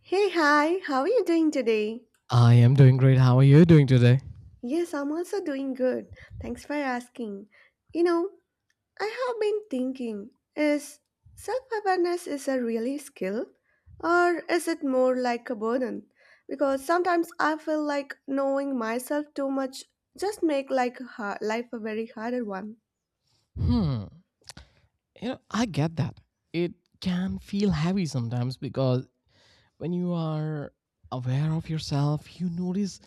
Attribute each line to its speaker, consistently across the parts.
Speaker 1: Hey, hi, how are you doing today?
Speaker 2: I am doing great. How are you doing today?
Speaker 1: Yes, I'm also doing good. Thanks for asking. You know, I have been thinking is self awareness is a really skill or is it more like a burden? Because sometimes I feel like knowing myself too much just make like life a very harder one.
Speaker 2: Hmm. You know, I get that. It can feel heavy sometimes because when you are aware of yourself, you notice,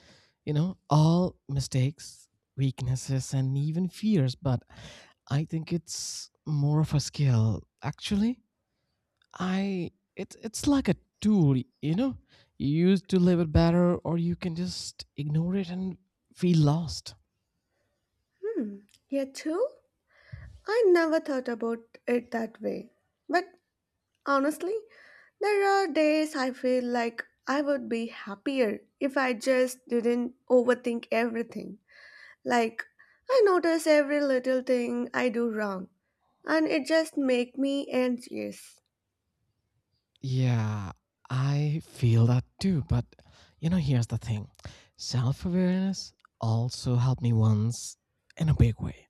Speaker 2: you know, all mistakes, weaknesses, and even fears. But I think it's more of a skill. Actually, I it's like a tool, you know. You use to live it better or you can just ignore it and feel lost.
Speaker 1: Hmm. Yeah, too? I never thought about it that way. But honestly, there are days I feel like I would be happier if I just didn't overthink everything. Like, I notice every little thing I do wrong, and it just make me anxious.
Speaker 2: Yeah, I feel that too. But you know, here's the thing self awareness also helped me once in a big way.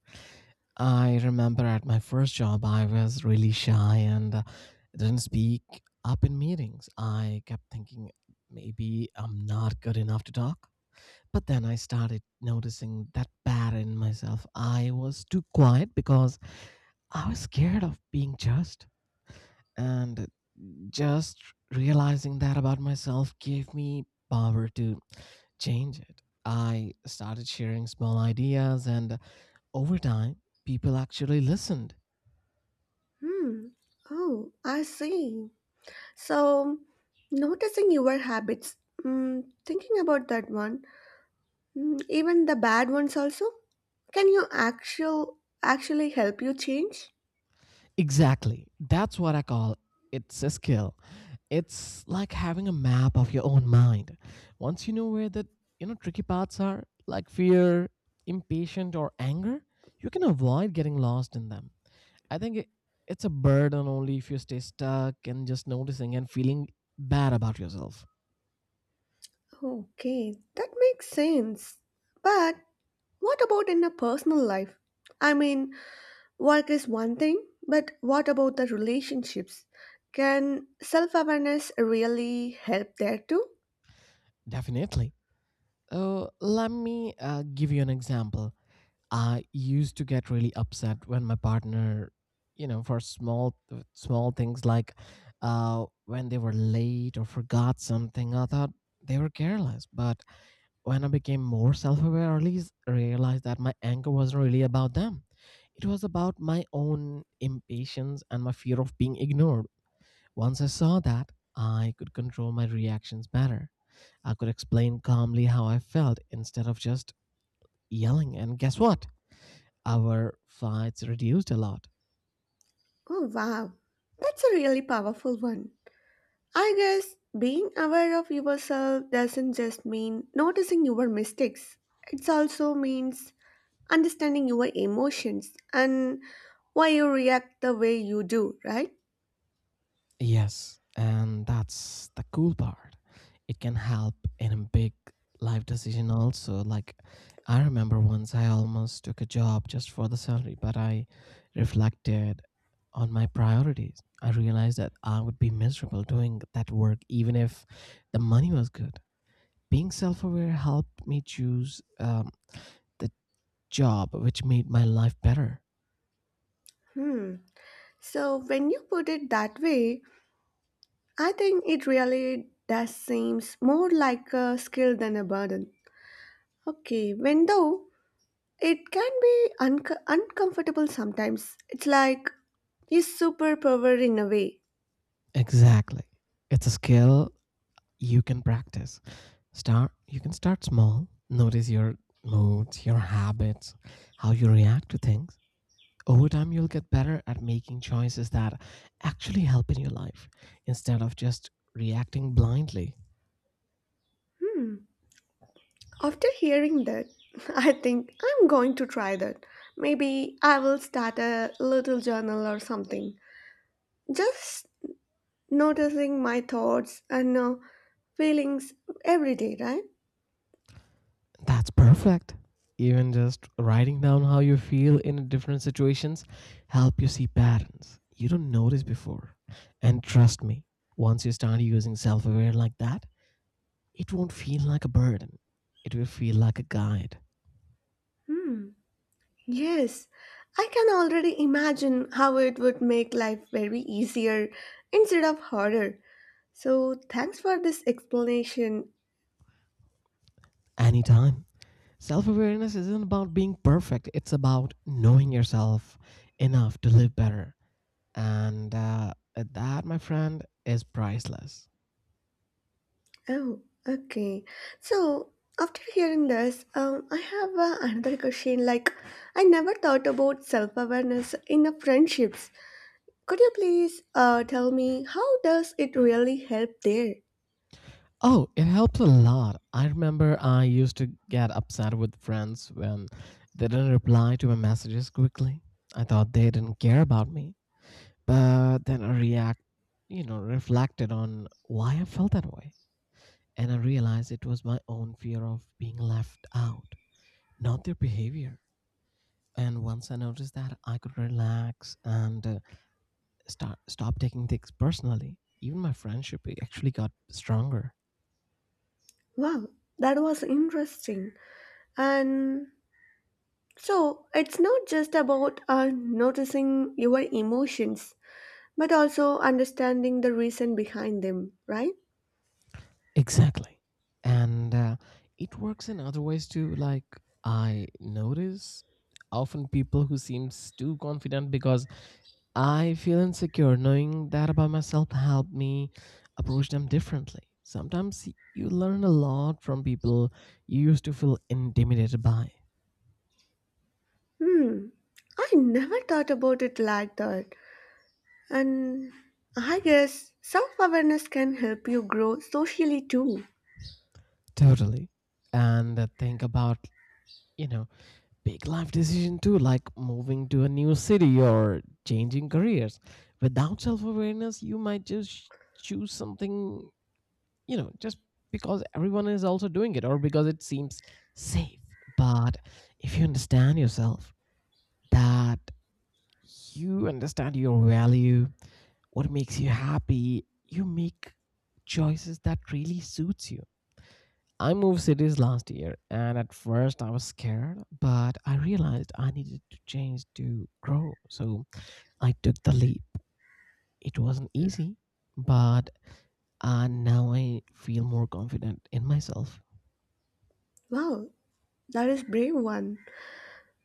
Speaker 2: I remember at my first job, I was really shy and didn't speak up in meetings. I kept thinking maybe I'm not good enough to talk. But then I started noticing that pattern in myself. I was too quiet because I was scared of being judged. And just realizing that about myself gave me power to change it. I started sharing small ideas, and over time, people actually listened.
Speaker 1: Hmm. Oh, I see. So, noticing your habits. Thinking about that one, even the bad ones also, can you actually help you change?
Speaker 2: Exactly. That's what I call it's a skill. It's like having a map of your own mind. Once you know where the you know tricky paths are, like fear, impatient, or anger, you can avoid getting lost in them. I think it's a burden only if you stay stuck and just noticing and feeling bad about yourself.
Speaker 1: Okay, that makes sense. But what about in a personal life? I mean, work is one thing, but what about the relationships? Can self awareness really help there too?
Speaker 2: Definitely. So let me give you an example. I used to get really upset when my partner, you know, for small things like when they were late or forgot something. I thought they were careless, but when I became more self-aware, or at least realized that my anger wasn't really about them. It was about my own impatience and my fear of being ignored. Once I saw that, I could control my reactions better. I could explain calmly how I felt instead of just yelling. And guess what? Our flights reduced a lot.
Speaker 1: Oh, wow. That's a really powerful one. I guess being aware of yourself doesn't just mean noticing your mistakes, it also means understanding your emotions and why you react the way you do, right?
Speaker 2: Yes, and that's the cool part. It can help in a big life decision also. Like I remember once I almost took a job just for the salary, but I reflected on my priorities. I realized that I would be miserable doing that work even if the money was good. Being self aware helped me choose the job which made my life better.
Speaker 1: Hmm. So when you put it that way, I think it really does seems more like a skill than a burden. Okay, when though it can be uncomfortable sometimes. It's like a superpower in a way.
Speaker 2: Exactly. It's a skill you can practice. Start you can start small. Notice your moods, your habits, how you react to things. Over time, you'll get better at making choices that actually help in your life instead of just reacting blindly.
Speaker 1: Hmm. After hearing that, I think I'm going to try that. Maybe I will start a little journal or something. Just noticing my thoughts and feelings every day, right?
Speaker 2: That's perfect. Even just writing down how you feel in different situations help you see patterns you don't notice before. And trust me, once you start using self-aware like that, it won't feel like a burden. It will feel like a guide.
Speaker 1: Hmm. Yes, I can already imagine how it would make life very easier instead of harder. So, thanks for this explanation.
Speaker 2: Anytime. Self-awareness isn't about being perfect. It's about knowing yourself enough to live better, and that my friend is priceless.
Speaker 1: Oh, okay. So, after hearing this, I have another question. Like, I never thought about self awareness in the friendships. Could you please tell me how does it really help there?
Speaker 2: Oh, it helps a lot. I remember I used to get upset with friends when they didn't reply to my messages quickly. I thought they didn't care about me, but then I react you know, reflected on why I felt that way, and I realized it was my own fear of being left out, not their behavior. And once I noticed that I could relax and start stop taking things personally. Even my friendship it actually got stronger.
Speaker 1: Wow, that was interesting. And so it's not just about noticing your emotions, but also understanding the reason behind them, right?
Speaker 2: Exactly. And it works in other ways too. Like I notice often people who seems too confident because I feel insecure. Knowing that about myself helped me approach them differently. Sometimes you learn a lot from people you used to feel intimidated by.
Speaker 1: Hmm. I never thought about it like that. And I guess self awareness can help you grow socially too.
Speaker 2: Totally. And think about, you know, big life decision too, like moving to a new city or changing careers. Without self-awareness you might just choose something, you know, just because everyone is also doing it or because it seems safe. But if you understand yourself, that you understand your value, what makes you happy, you make choices that really suits you. I moved cities last year, and at first I was scared, but I realized I needed to change to grow. So I took the leap. It wasn't easy, but now I feel more confident in myself.
Speaker 1: Wow, that is brave one.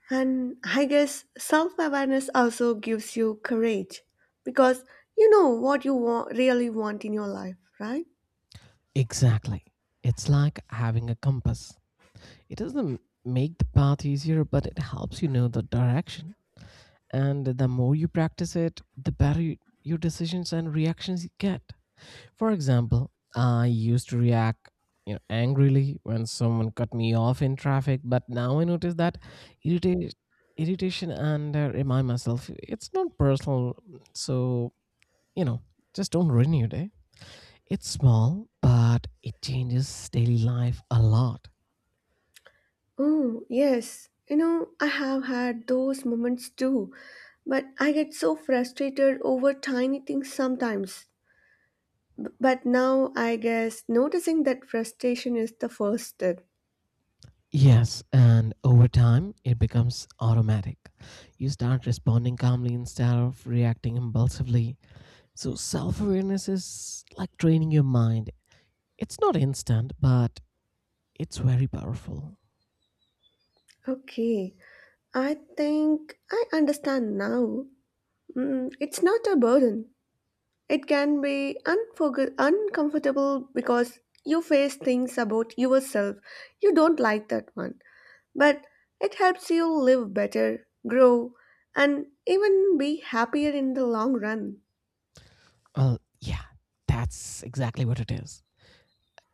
Speaker 1: And I guess self awareness also gives you courage because you know what you want, really want in your life, right?
Speaker 2: Exactly. It's like having a compass. It doesn't make the path easier, but it helps you know the direction. And the more you practice it, the better your decisions and reactions you get. For example, I used to react, you know, angrily when someone cut me off in traffic, but now I notice that irrita- irritation and remind myself it's not personal. So, you know, just don't ruin your day. It's small, but it changes daily life a lot.
Speaker 1: Oh, yes. You know, I have had those moments too, but I get so frustrated over tiny things sometimes. But now I guess noticing that frustration is the first step.
Speaker 2: Yes, and over time, it becomes automatic. You start responding calmly instead of reacting impulsively. So, self awareness is like training your mind. It's not instant, but it's very powerful.
Speaker 1: Okay, I think I understand now. Mm, it's not a burden. It can be uncomfortable because you face things about yourself. You don't like that one. But it helps you live better, grow, and even be happier in the long run.
Speaker 2: Well, yeah, that's exactly what it is.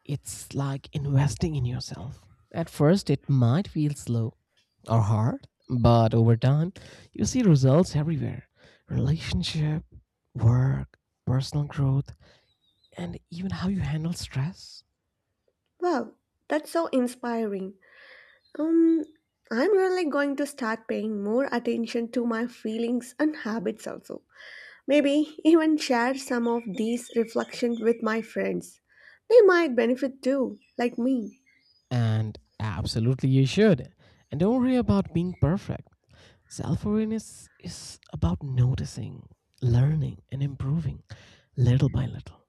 Speaker 2: It's like investing in yourself. At first, it might feel slow or hard, but over time, you see results everywhere: relationship, work, personal growth, and even how you handle stress.
Speaker 1: Wow, that's so inspiring. Um, I'm really going to start paying more attention to my feelings and habits also. Maybe even share some of these reflections with my friends. They might benefit too, like me.
Speaker 2: And absolutely, you should. And don't worry about being perfect. Self awareness is about noticing, learning, and improving little by little.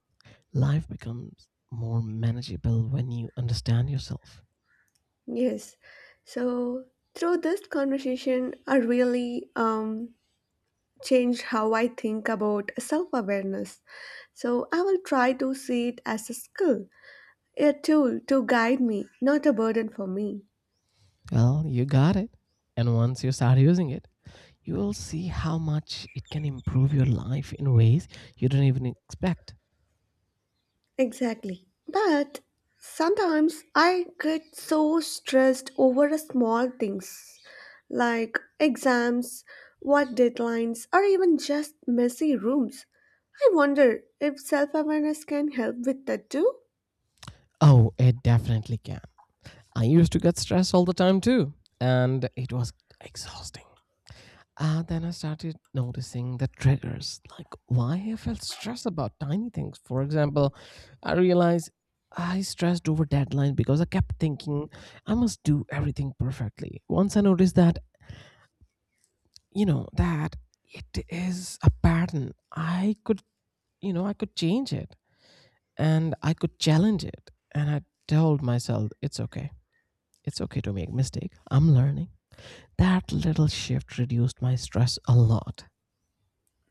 Speaker 2: Life becomes more manageable when you understand yourself.
Speaker 1: Yes. So through this conversation, I really changed how I think about self awareness. So I will try to see it as a skill, a tool to guide me, not a burden for me.
Speaker 2: Well, you got it. And once you start using it, you will see how much it can improve your life in ways you didn't even expect.
Speaker 1: Exactly. But sometimes I get so stressed over a small things like exams, what deadlines, or even just messy rooms. I wonder if self awareness can help with that too.
Speaker 2: Oh, it definitely can. I used to get stressed all the time too, and it was exhausting. Then I started noticing the triggers, like why I felt stressed about tiny things. For example, I realized I stressed over deadline because I kept thinking I must do everything perfectly. Once I noticed that, you know, that it is a pattern, I could, you know, I could change it and I could challenge it. And I told myself, it's okay. It's okay to make mistake. I'm learning. That little shift reduced my stress a lot.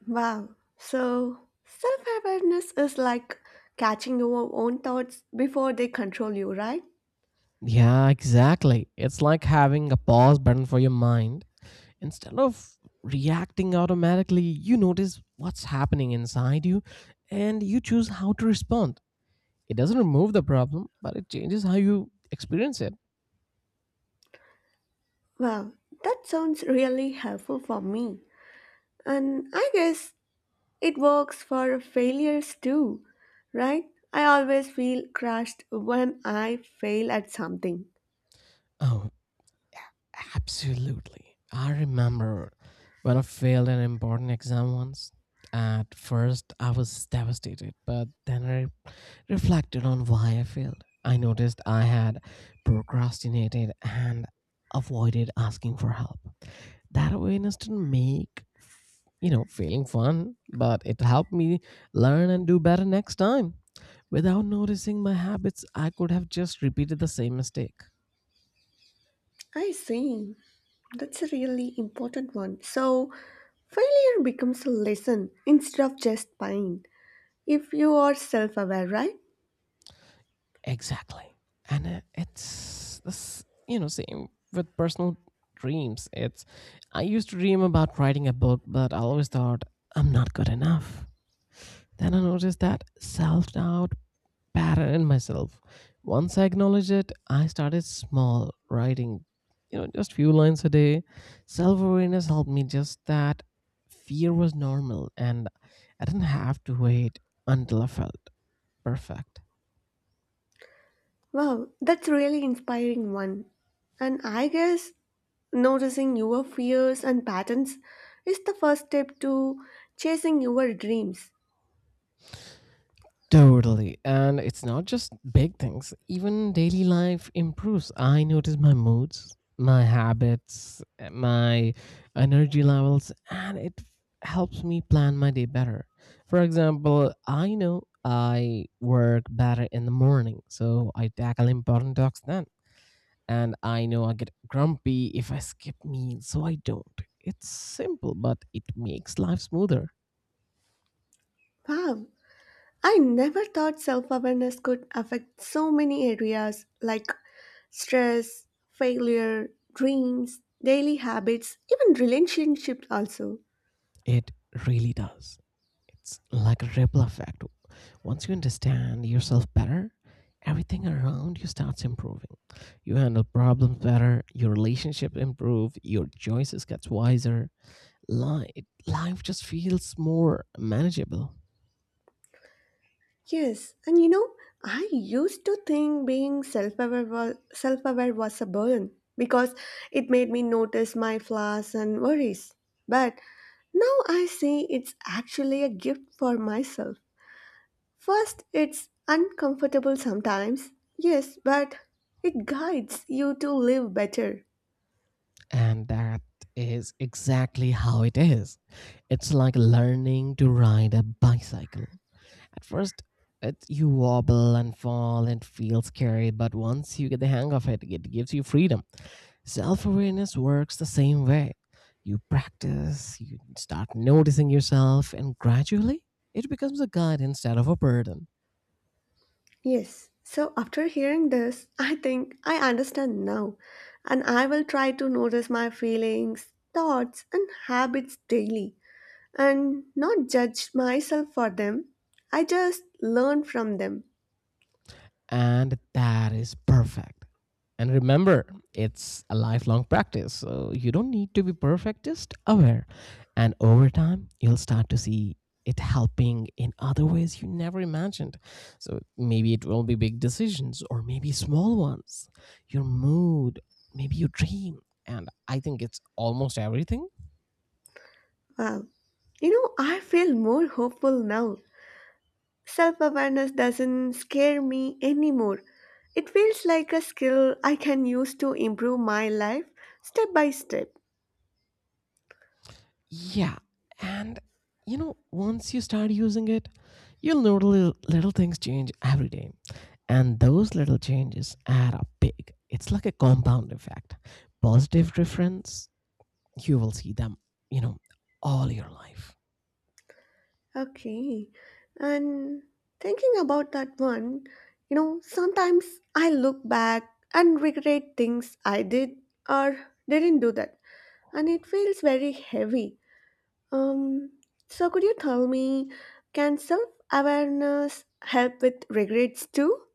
Speaker 1: Wow. So self awareness is like catching your own thoughts before they control you, right?
Speaker 2: Yeah, exactly. It's like having a pause button for your mind. Instead of reacting automatically, you notice what's happening inside you and you choose how to respond. It doesn't remove the problem, but it changes how you experience it.
Speaker 1: Wow. That sounds really helpful for me. And I guess it works for failures too, right? I always feel crushed when I fail at something.
Speaker 2: Oh, absolutely. I remember when I failed an important exam once. At first, I was devastated, but then reflected on why I failed. I noticed I had procrastinated and avoided asking for help. That awareness didn't make you know, failing fun, but it helped me learn and do better next time. Without noticing my habits, I could have just repeated the same mistake.
Speaker 1: I see. That's a really important one. So, failure becomes a lesson instead of just pain if you are self aware, right?
Speaker 2: Exactly. And it's this, you know, same with personal dreams. It's, I used to dream about writing a book, but I always thought I'm not good enough. Then I noticed that self doubt pattern in myself. Once I acknowledged it, I started small, writing, you know, just few lines a day. Self awareness helped me just that fear was normal and I didn't have to wait until I felt perfect.
Speaker 1: Wow, that's really inspiring one. And I guess noticing your fears and patterns is the first step to chasing your dreams.
Speaker 2: Totally. And it's not just big things, even daily life improves. I notice my moods, my habits, my energy levels, and it helps me plan my day better. For example, I know I work better in the morning, so I tackle important tasks then. And I know I get grumpy if I skip meals, so I don't. It's simple, but it makes life smoother.
Speaker 1: Wow, I never thought self awareness could affect so many areas like stress, failure, dreams, daily habits, even relationships also.
Speaker 2: It really does. It's like a ripple effect. Once you understand yourself better, everything around you starts improving. You handle problems better, your relationship improve, your choices gets wiser. Life, life just feels more manageable.
Speaker 1: Yes, and you know, I used to think self-aware was a burden because it made me notice my flaws and worries. But now I see it's actually a gift for myself. First, it's uncomfortable sometimes. Yes, but it guides you to live better.
Speaker 2: And that is exactly how it is. It's like learning to ride a bicycle. At first, you wobble and fall and feel scary, but once you get the hang of it, it gives you freedom. Self awareness works the same way. You practice, you start noticing yourself, and gradually it becomes a guide instead of a burden.
Speaker 1: Yes. So after hearing this, I think I understand now, and I will try to notice my feelings, thoughts, and habits daily, and not judge myself for them. I just learn from them.
Speaker 2: And that is perfect. And remember, it's a lifelong practice, so you don't need to be perfect, just aware. And over time, you'll start to see it helping in other ways you never imagined. So maybe it will be big decisions or maybe small ones, your mood, maybe your dream. And I think it's almost everything.
Speaker 1: Wow. You know, I feel more hopeful now. Self awareness doesn't scare me anymore. It feels like a skill I can use to improve my life step by step.
Speaker 2: Yeah. And you know, once you start using it, you'll know little, little things change every day. And those little changes add up big. It's like a compound effect. Positive difference, you will see them, you know, all your life.
Speaker 1: Okay. And thinking about that one, you know, sometimes I look back and regret things I did or didn't do that, and it feels very heavy. Um, so could you tell me, can self-awareness help with regrets too?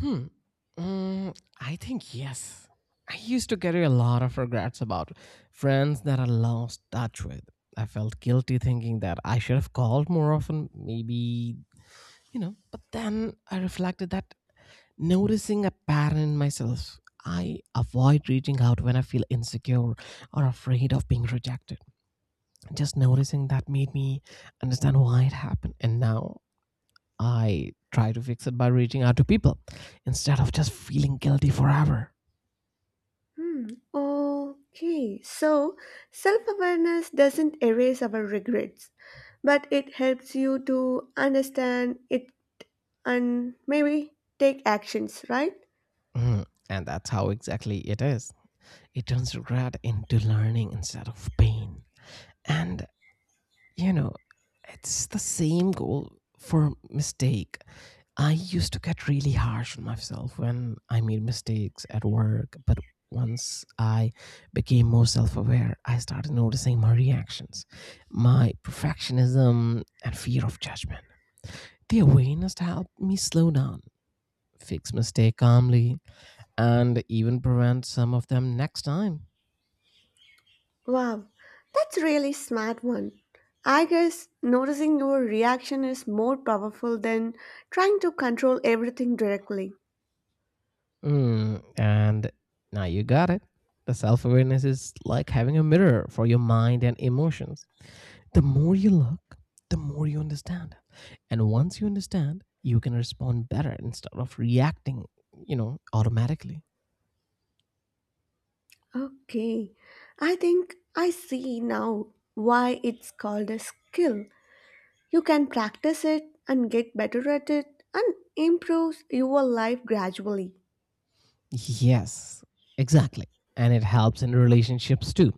Speaker 2: Hmm. Mm, I think yes. I used to carry a lot of regrets about friends that I lost touch with. I felt guilty thinking that I should have called more often, maybe, you know. But then I reflected that noticing a pattern in myself, I avoid reaching out when I feel insecure or afraid of being rejected. Just noticing that made me understand why it happened. And now I try to fix it by reaching out to people instead of just feeling guilty forever.
Speaker 1: Hmm. Okay. So self-awareness doesn't erase our regrets, but it helps you to understand it and maybe take actions, right?
Speaker 2: Mm, and that's how exactly it is. It turns regret into learning instead of pain. And, you know, it's the same goal for mistake. I used to get really harsh on myself when I made mistakes at work, but once I became more self aware, I started noticing my reactions, my perfectionism, and fear of judgment. The awareness helped me slow down, fix mistake calmly, and even prevent some of them next time.
Speaker 1: Wow, that's really smart one. I guess noticing your reaction is more powerful than trying to control everything directly.
Speaker 2: Mm, and now you got it. The self awareness is like having a mirror for your mind and emotions. The more you look, the more you understand. And once you understand, you can respond better instead of reacting, automatically.
Speaker 1: Okay, I think I see now why it's called a skill. You can practice it and get better at it and improve your life gradually.
Speaker 2: Yes, exactly. And it helps in relationships too.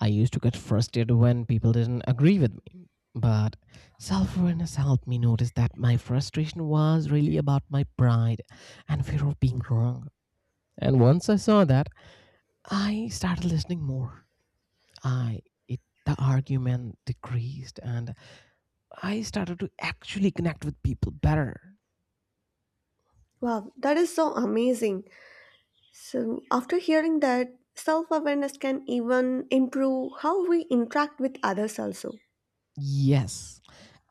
Speaker 2: I used to get frustrated when people didn't agree with me. But self awareness helped me notice that my frustration was really about my pride and fear of being wrong. And once I saw that, I started listening more. I it The argument decreased and I started to actually connect with people better.
Speaker 1: Wow, that is so amazing. So, after hearing that, self awareness can even improve how we interact with others, also.
Speaker 2: Yes,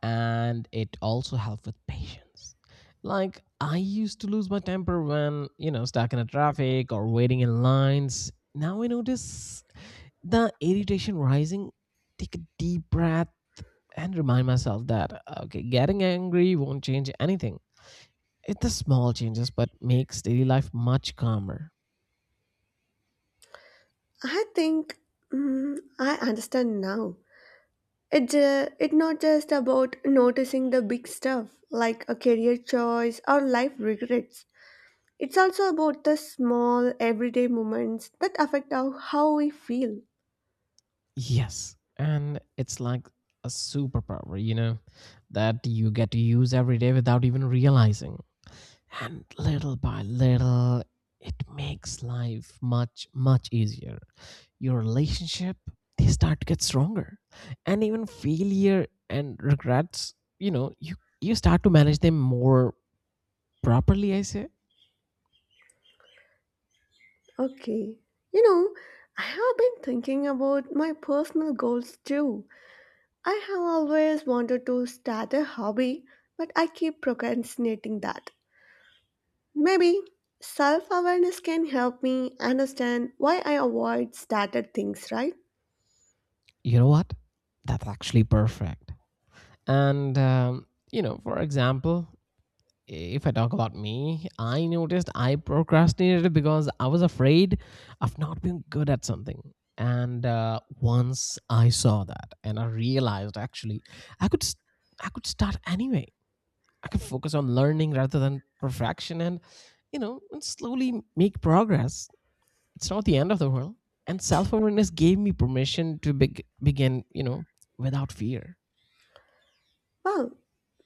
Speaker 2: and it also helps with patience. Like I used to lose my temper when, stuck in a traffic or waiting in lines. Now I notice the irritation rising, take a deep breath and remind myself that okay, getting angry won't change anything. It's the small changes but makes daily life much calmer.
Speaker 1: I think I understand now. It it not just about noticing the big stuff like a career choice or life regrets. It's also about the small everyday moments that affect how we feel.
Speaker 2: Yes. And it's like a superpower, that you get to use every day without even realizing. And little by little, it makes life much, much easier. Your relationship, they start to get stronger. And even failure and regrets, you know, you, you start to manage them more properly, I say.
Speaker 1: Okay. You know, I have been thinking about my personal goals too. I have always wanted to start a hobby, but I keep procrastinating that. Maybe self awareness can help me understand why I avoid started things, right?
Speaker 2: You know what? That's actually perfect. And, you know, for example, if I talk about me, I noticed I procrastinated because I was afraid of not being good at something. And once I saw that, and I realized actually I could s- I could start anyway. I could focus on learning rather than perfection, and and slowly make progress. It's not the end of the world. And self awareness gave me permission to begin, without fear.
Speaker 1: Wow,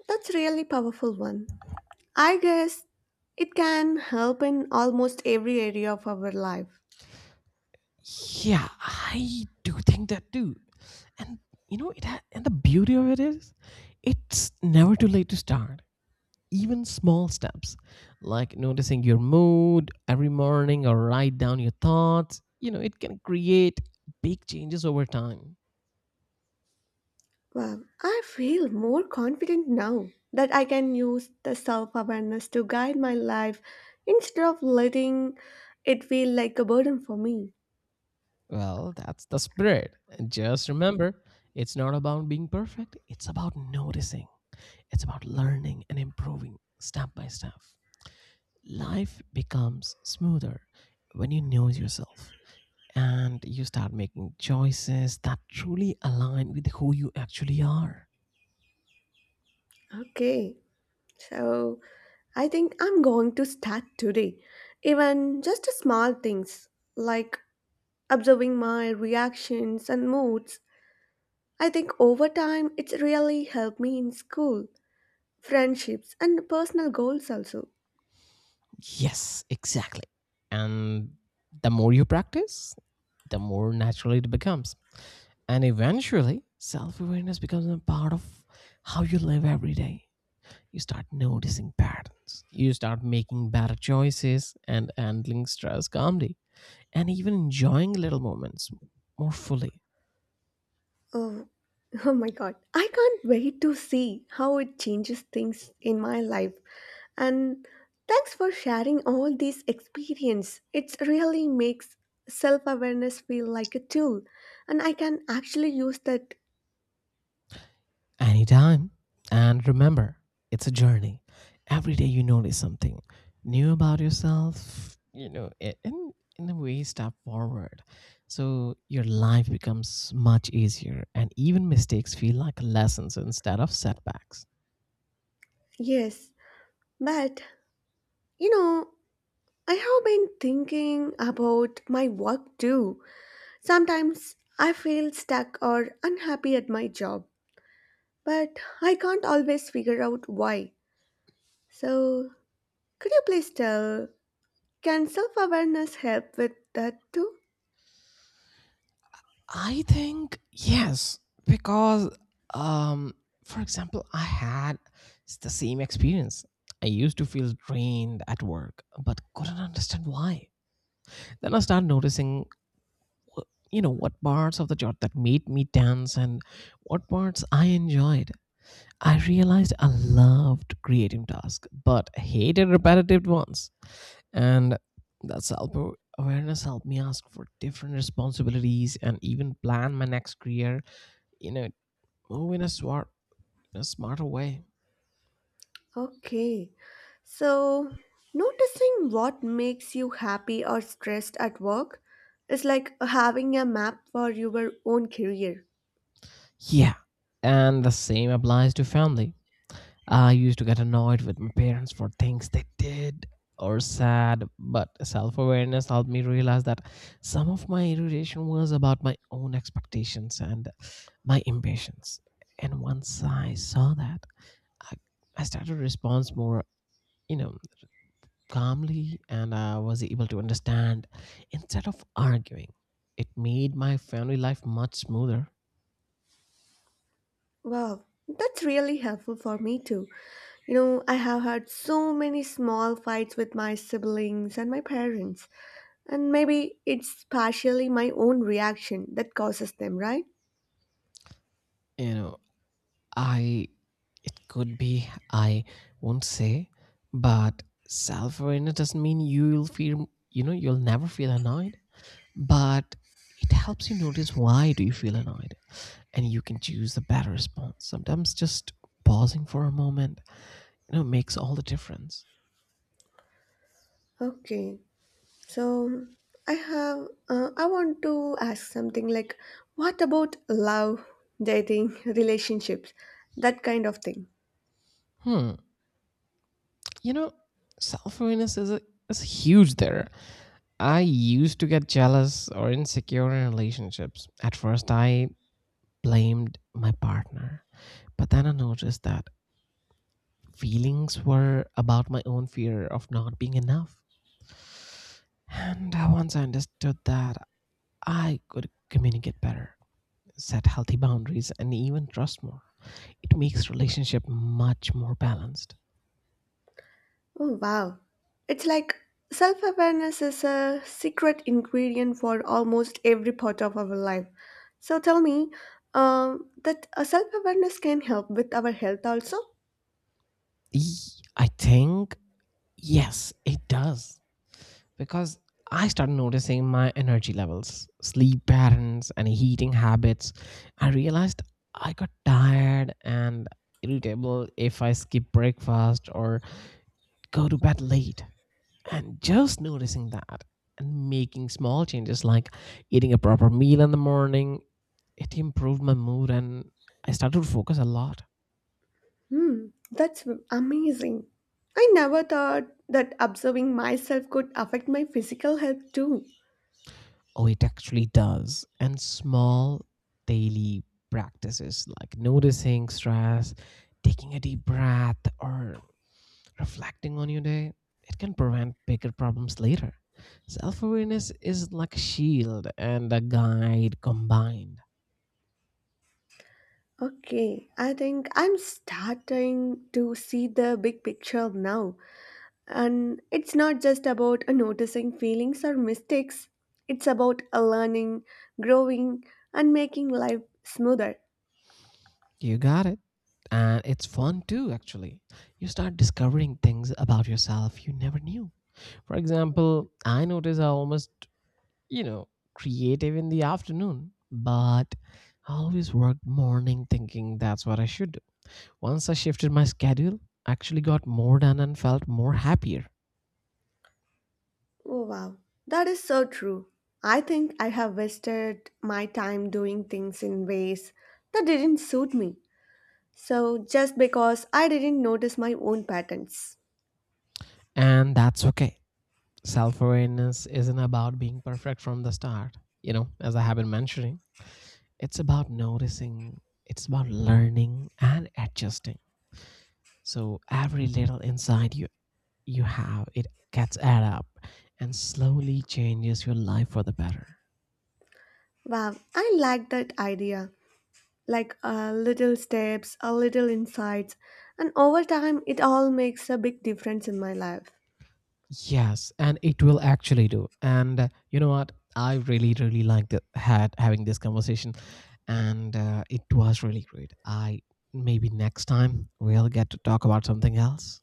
Speaker 1: that's really powerful one. I guess it can help in almost every area of our life.
Speaker 2: Yeah, I do think that too. And you know, and the beauty of it is, it's never too late to start. Even small steps, like noticing your mood every morning or write down your thoughts, it can create big changes over time.
Speaker 1: Wow, I feel more confident now that I can use the self awareness to guide my life instead of letting it feel like a burden for me.
Speaker 2: Well, that's the spirit. And just remember, it's not about being perfect, it's about noticing. It's about learning and improving step by step. Life becomes smoother when you know yourself and you start making choices that truly align with who you actually are.
Speaker 1: Okay, so I think I'm going to start today. Even just small things like observing my reactions and moods. I think over time it's really helped me in school, friendships, and personal goals also.
Speaker 2: Yes, exactly. And the more you practice, the more naturally it becomes. And eventually, self awareness becomes a part of how you live every day. You start noticing patterns, you start making better choices and handling stress calmly, and even enjoying little moments more fully.
Speaker 1: Oh, oh my god, I can't wait to see how it changes things in my life. And thanks for sharing all these experience. It really makes self-awareness feel like a tool and I can actually use that.
Speaker 2: Anytime. And remember, it's a journey. Every day you notice something new about yourself, in a way, step forward. So your life becomes much easier, and even mistakes feel like lessons instead of setbacks.
Speaker 1: Yes. But, you know, I have been thinking about my work too. Sometimes I feel stuck or unhappy at my job, but I can't always figure out why. So, could you please tell can self awareness help with that too?
Speaker 2: I think, yes, because, um, for example, the same experience. I used to feel drained at work, but couldn't understand why. Then I started noticing wh- you know what parts of the job that made me dance, and what parts I enjoyed. I realized I loved creative tasks but hated repetitive ones, and that self awareness helped me ask for different responsibilities and even plan my next career, you know, move in a smarter way.
Speaker 1: Okay. So, noticing what makes you happy or stressed at work is like having a map for your own career.
Speaker 2: Yeah, and the same applies to family. I used to get annoyed with my parents for things they did or said, but self awareness helped me realize that some of my irritation was about my own expectations and my impatience. And once I saw that, I, I started to respond more, you know, calmly and I was able to understand instead of arguing. It made my family life much smoother.
Speaker 1: Wow, that's really helpful for me too. You know, I have had so many small fights with my siblings and my parents, and maybe it's partially my own reaction that causes them, right?
Speaker 2: You know, I it could be, I won't say, but self-awareness doesn't mean you'll never feel annoyed, but it helps you notice why do you feel annoyed and you can choose a better response. Sometimes just pausing for a moment, makes all the difference.
Speaker 1: Okay. So I have I want to ask something like what about love, dating, relationships, that kind of thing.
Speaker 2: Hmm. You know, self-awareness is a is huge there. I used to get jealous or insecure in relationships. At first I blamed my partner, but then I noticed that feelings were about my own fear of not being enough. And once I understood that, I could communicate better, set healthy boundaries, and even trust more. It makes relationship much more balanced.
Speaker 1: Oh wow. It's like self-awareness is a secret ingredient for almost every part of our life. So tell me that a self-awareness can help with our health also?
Speaker 2: E- I think yes, it does, because I started noticing my energy levels, sleep patterns, and eating habits. I realized I got tired and irritable if I skip breakfast or go to bed late. And just noticing that and making small changes like eating a proper meal in the morning, it improved my mood and I started to focus a lot.
Speaker 1: Hmm, that's amazing. I never thought that observing myself could affect my physical health too.
Speaker 2: Oh, it actually does. And small daily practices like noticing stress, taking a deep breath or reflecting on your day, it can prevent bigger problems later. Self-awareness is like a shield and a guide combined.
Speaker 1: Okay, I think I'm starting to see the big picture now. And it's not just about noticing feelings or mistakes, it's about learning, growing, and making life smoother.
Speaker 2: You got it. And it's fun too, actually. You start discovering things about yourself you never knew. For example, I notice I'm almost, you know, creative in the afternoon, but I always work morning thinking that's what I should do. Once I shifted my schedule, I actually got more done and felt more happier.
Speaker 1: Oh, wow. That is so true. I think I have wasted my time doing things in ways that didn't suit me. So, just because I didn't notice my own patterns.
Speaker 2: And that's okay. Self awareness isn't about being perfect from the start, you know, as I have been mentioning. It's about noticing, it's about learning and adjusting. So every little insight you have, it gets add up and slowly changes your life for the better.
Speaker 1: Wow, I like that idea. Like little steps, a little insights, and over time it all makes a big difference in my life.
Speaker 2: Yes, and it will actually do. And you know what? I really, really liked it, had having this conversation, and it was really great. I Maybe next time we'll get to talk about something else.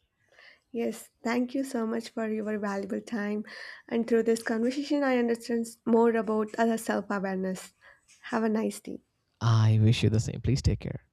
Speaker 1: Yes, thank you so much for your valuable time. And through this conversation, I understand more about other self awareness. Have a nice day.
Speaker 2: I wish you the same. Please take care.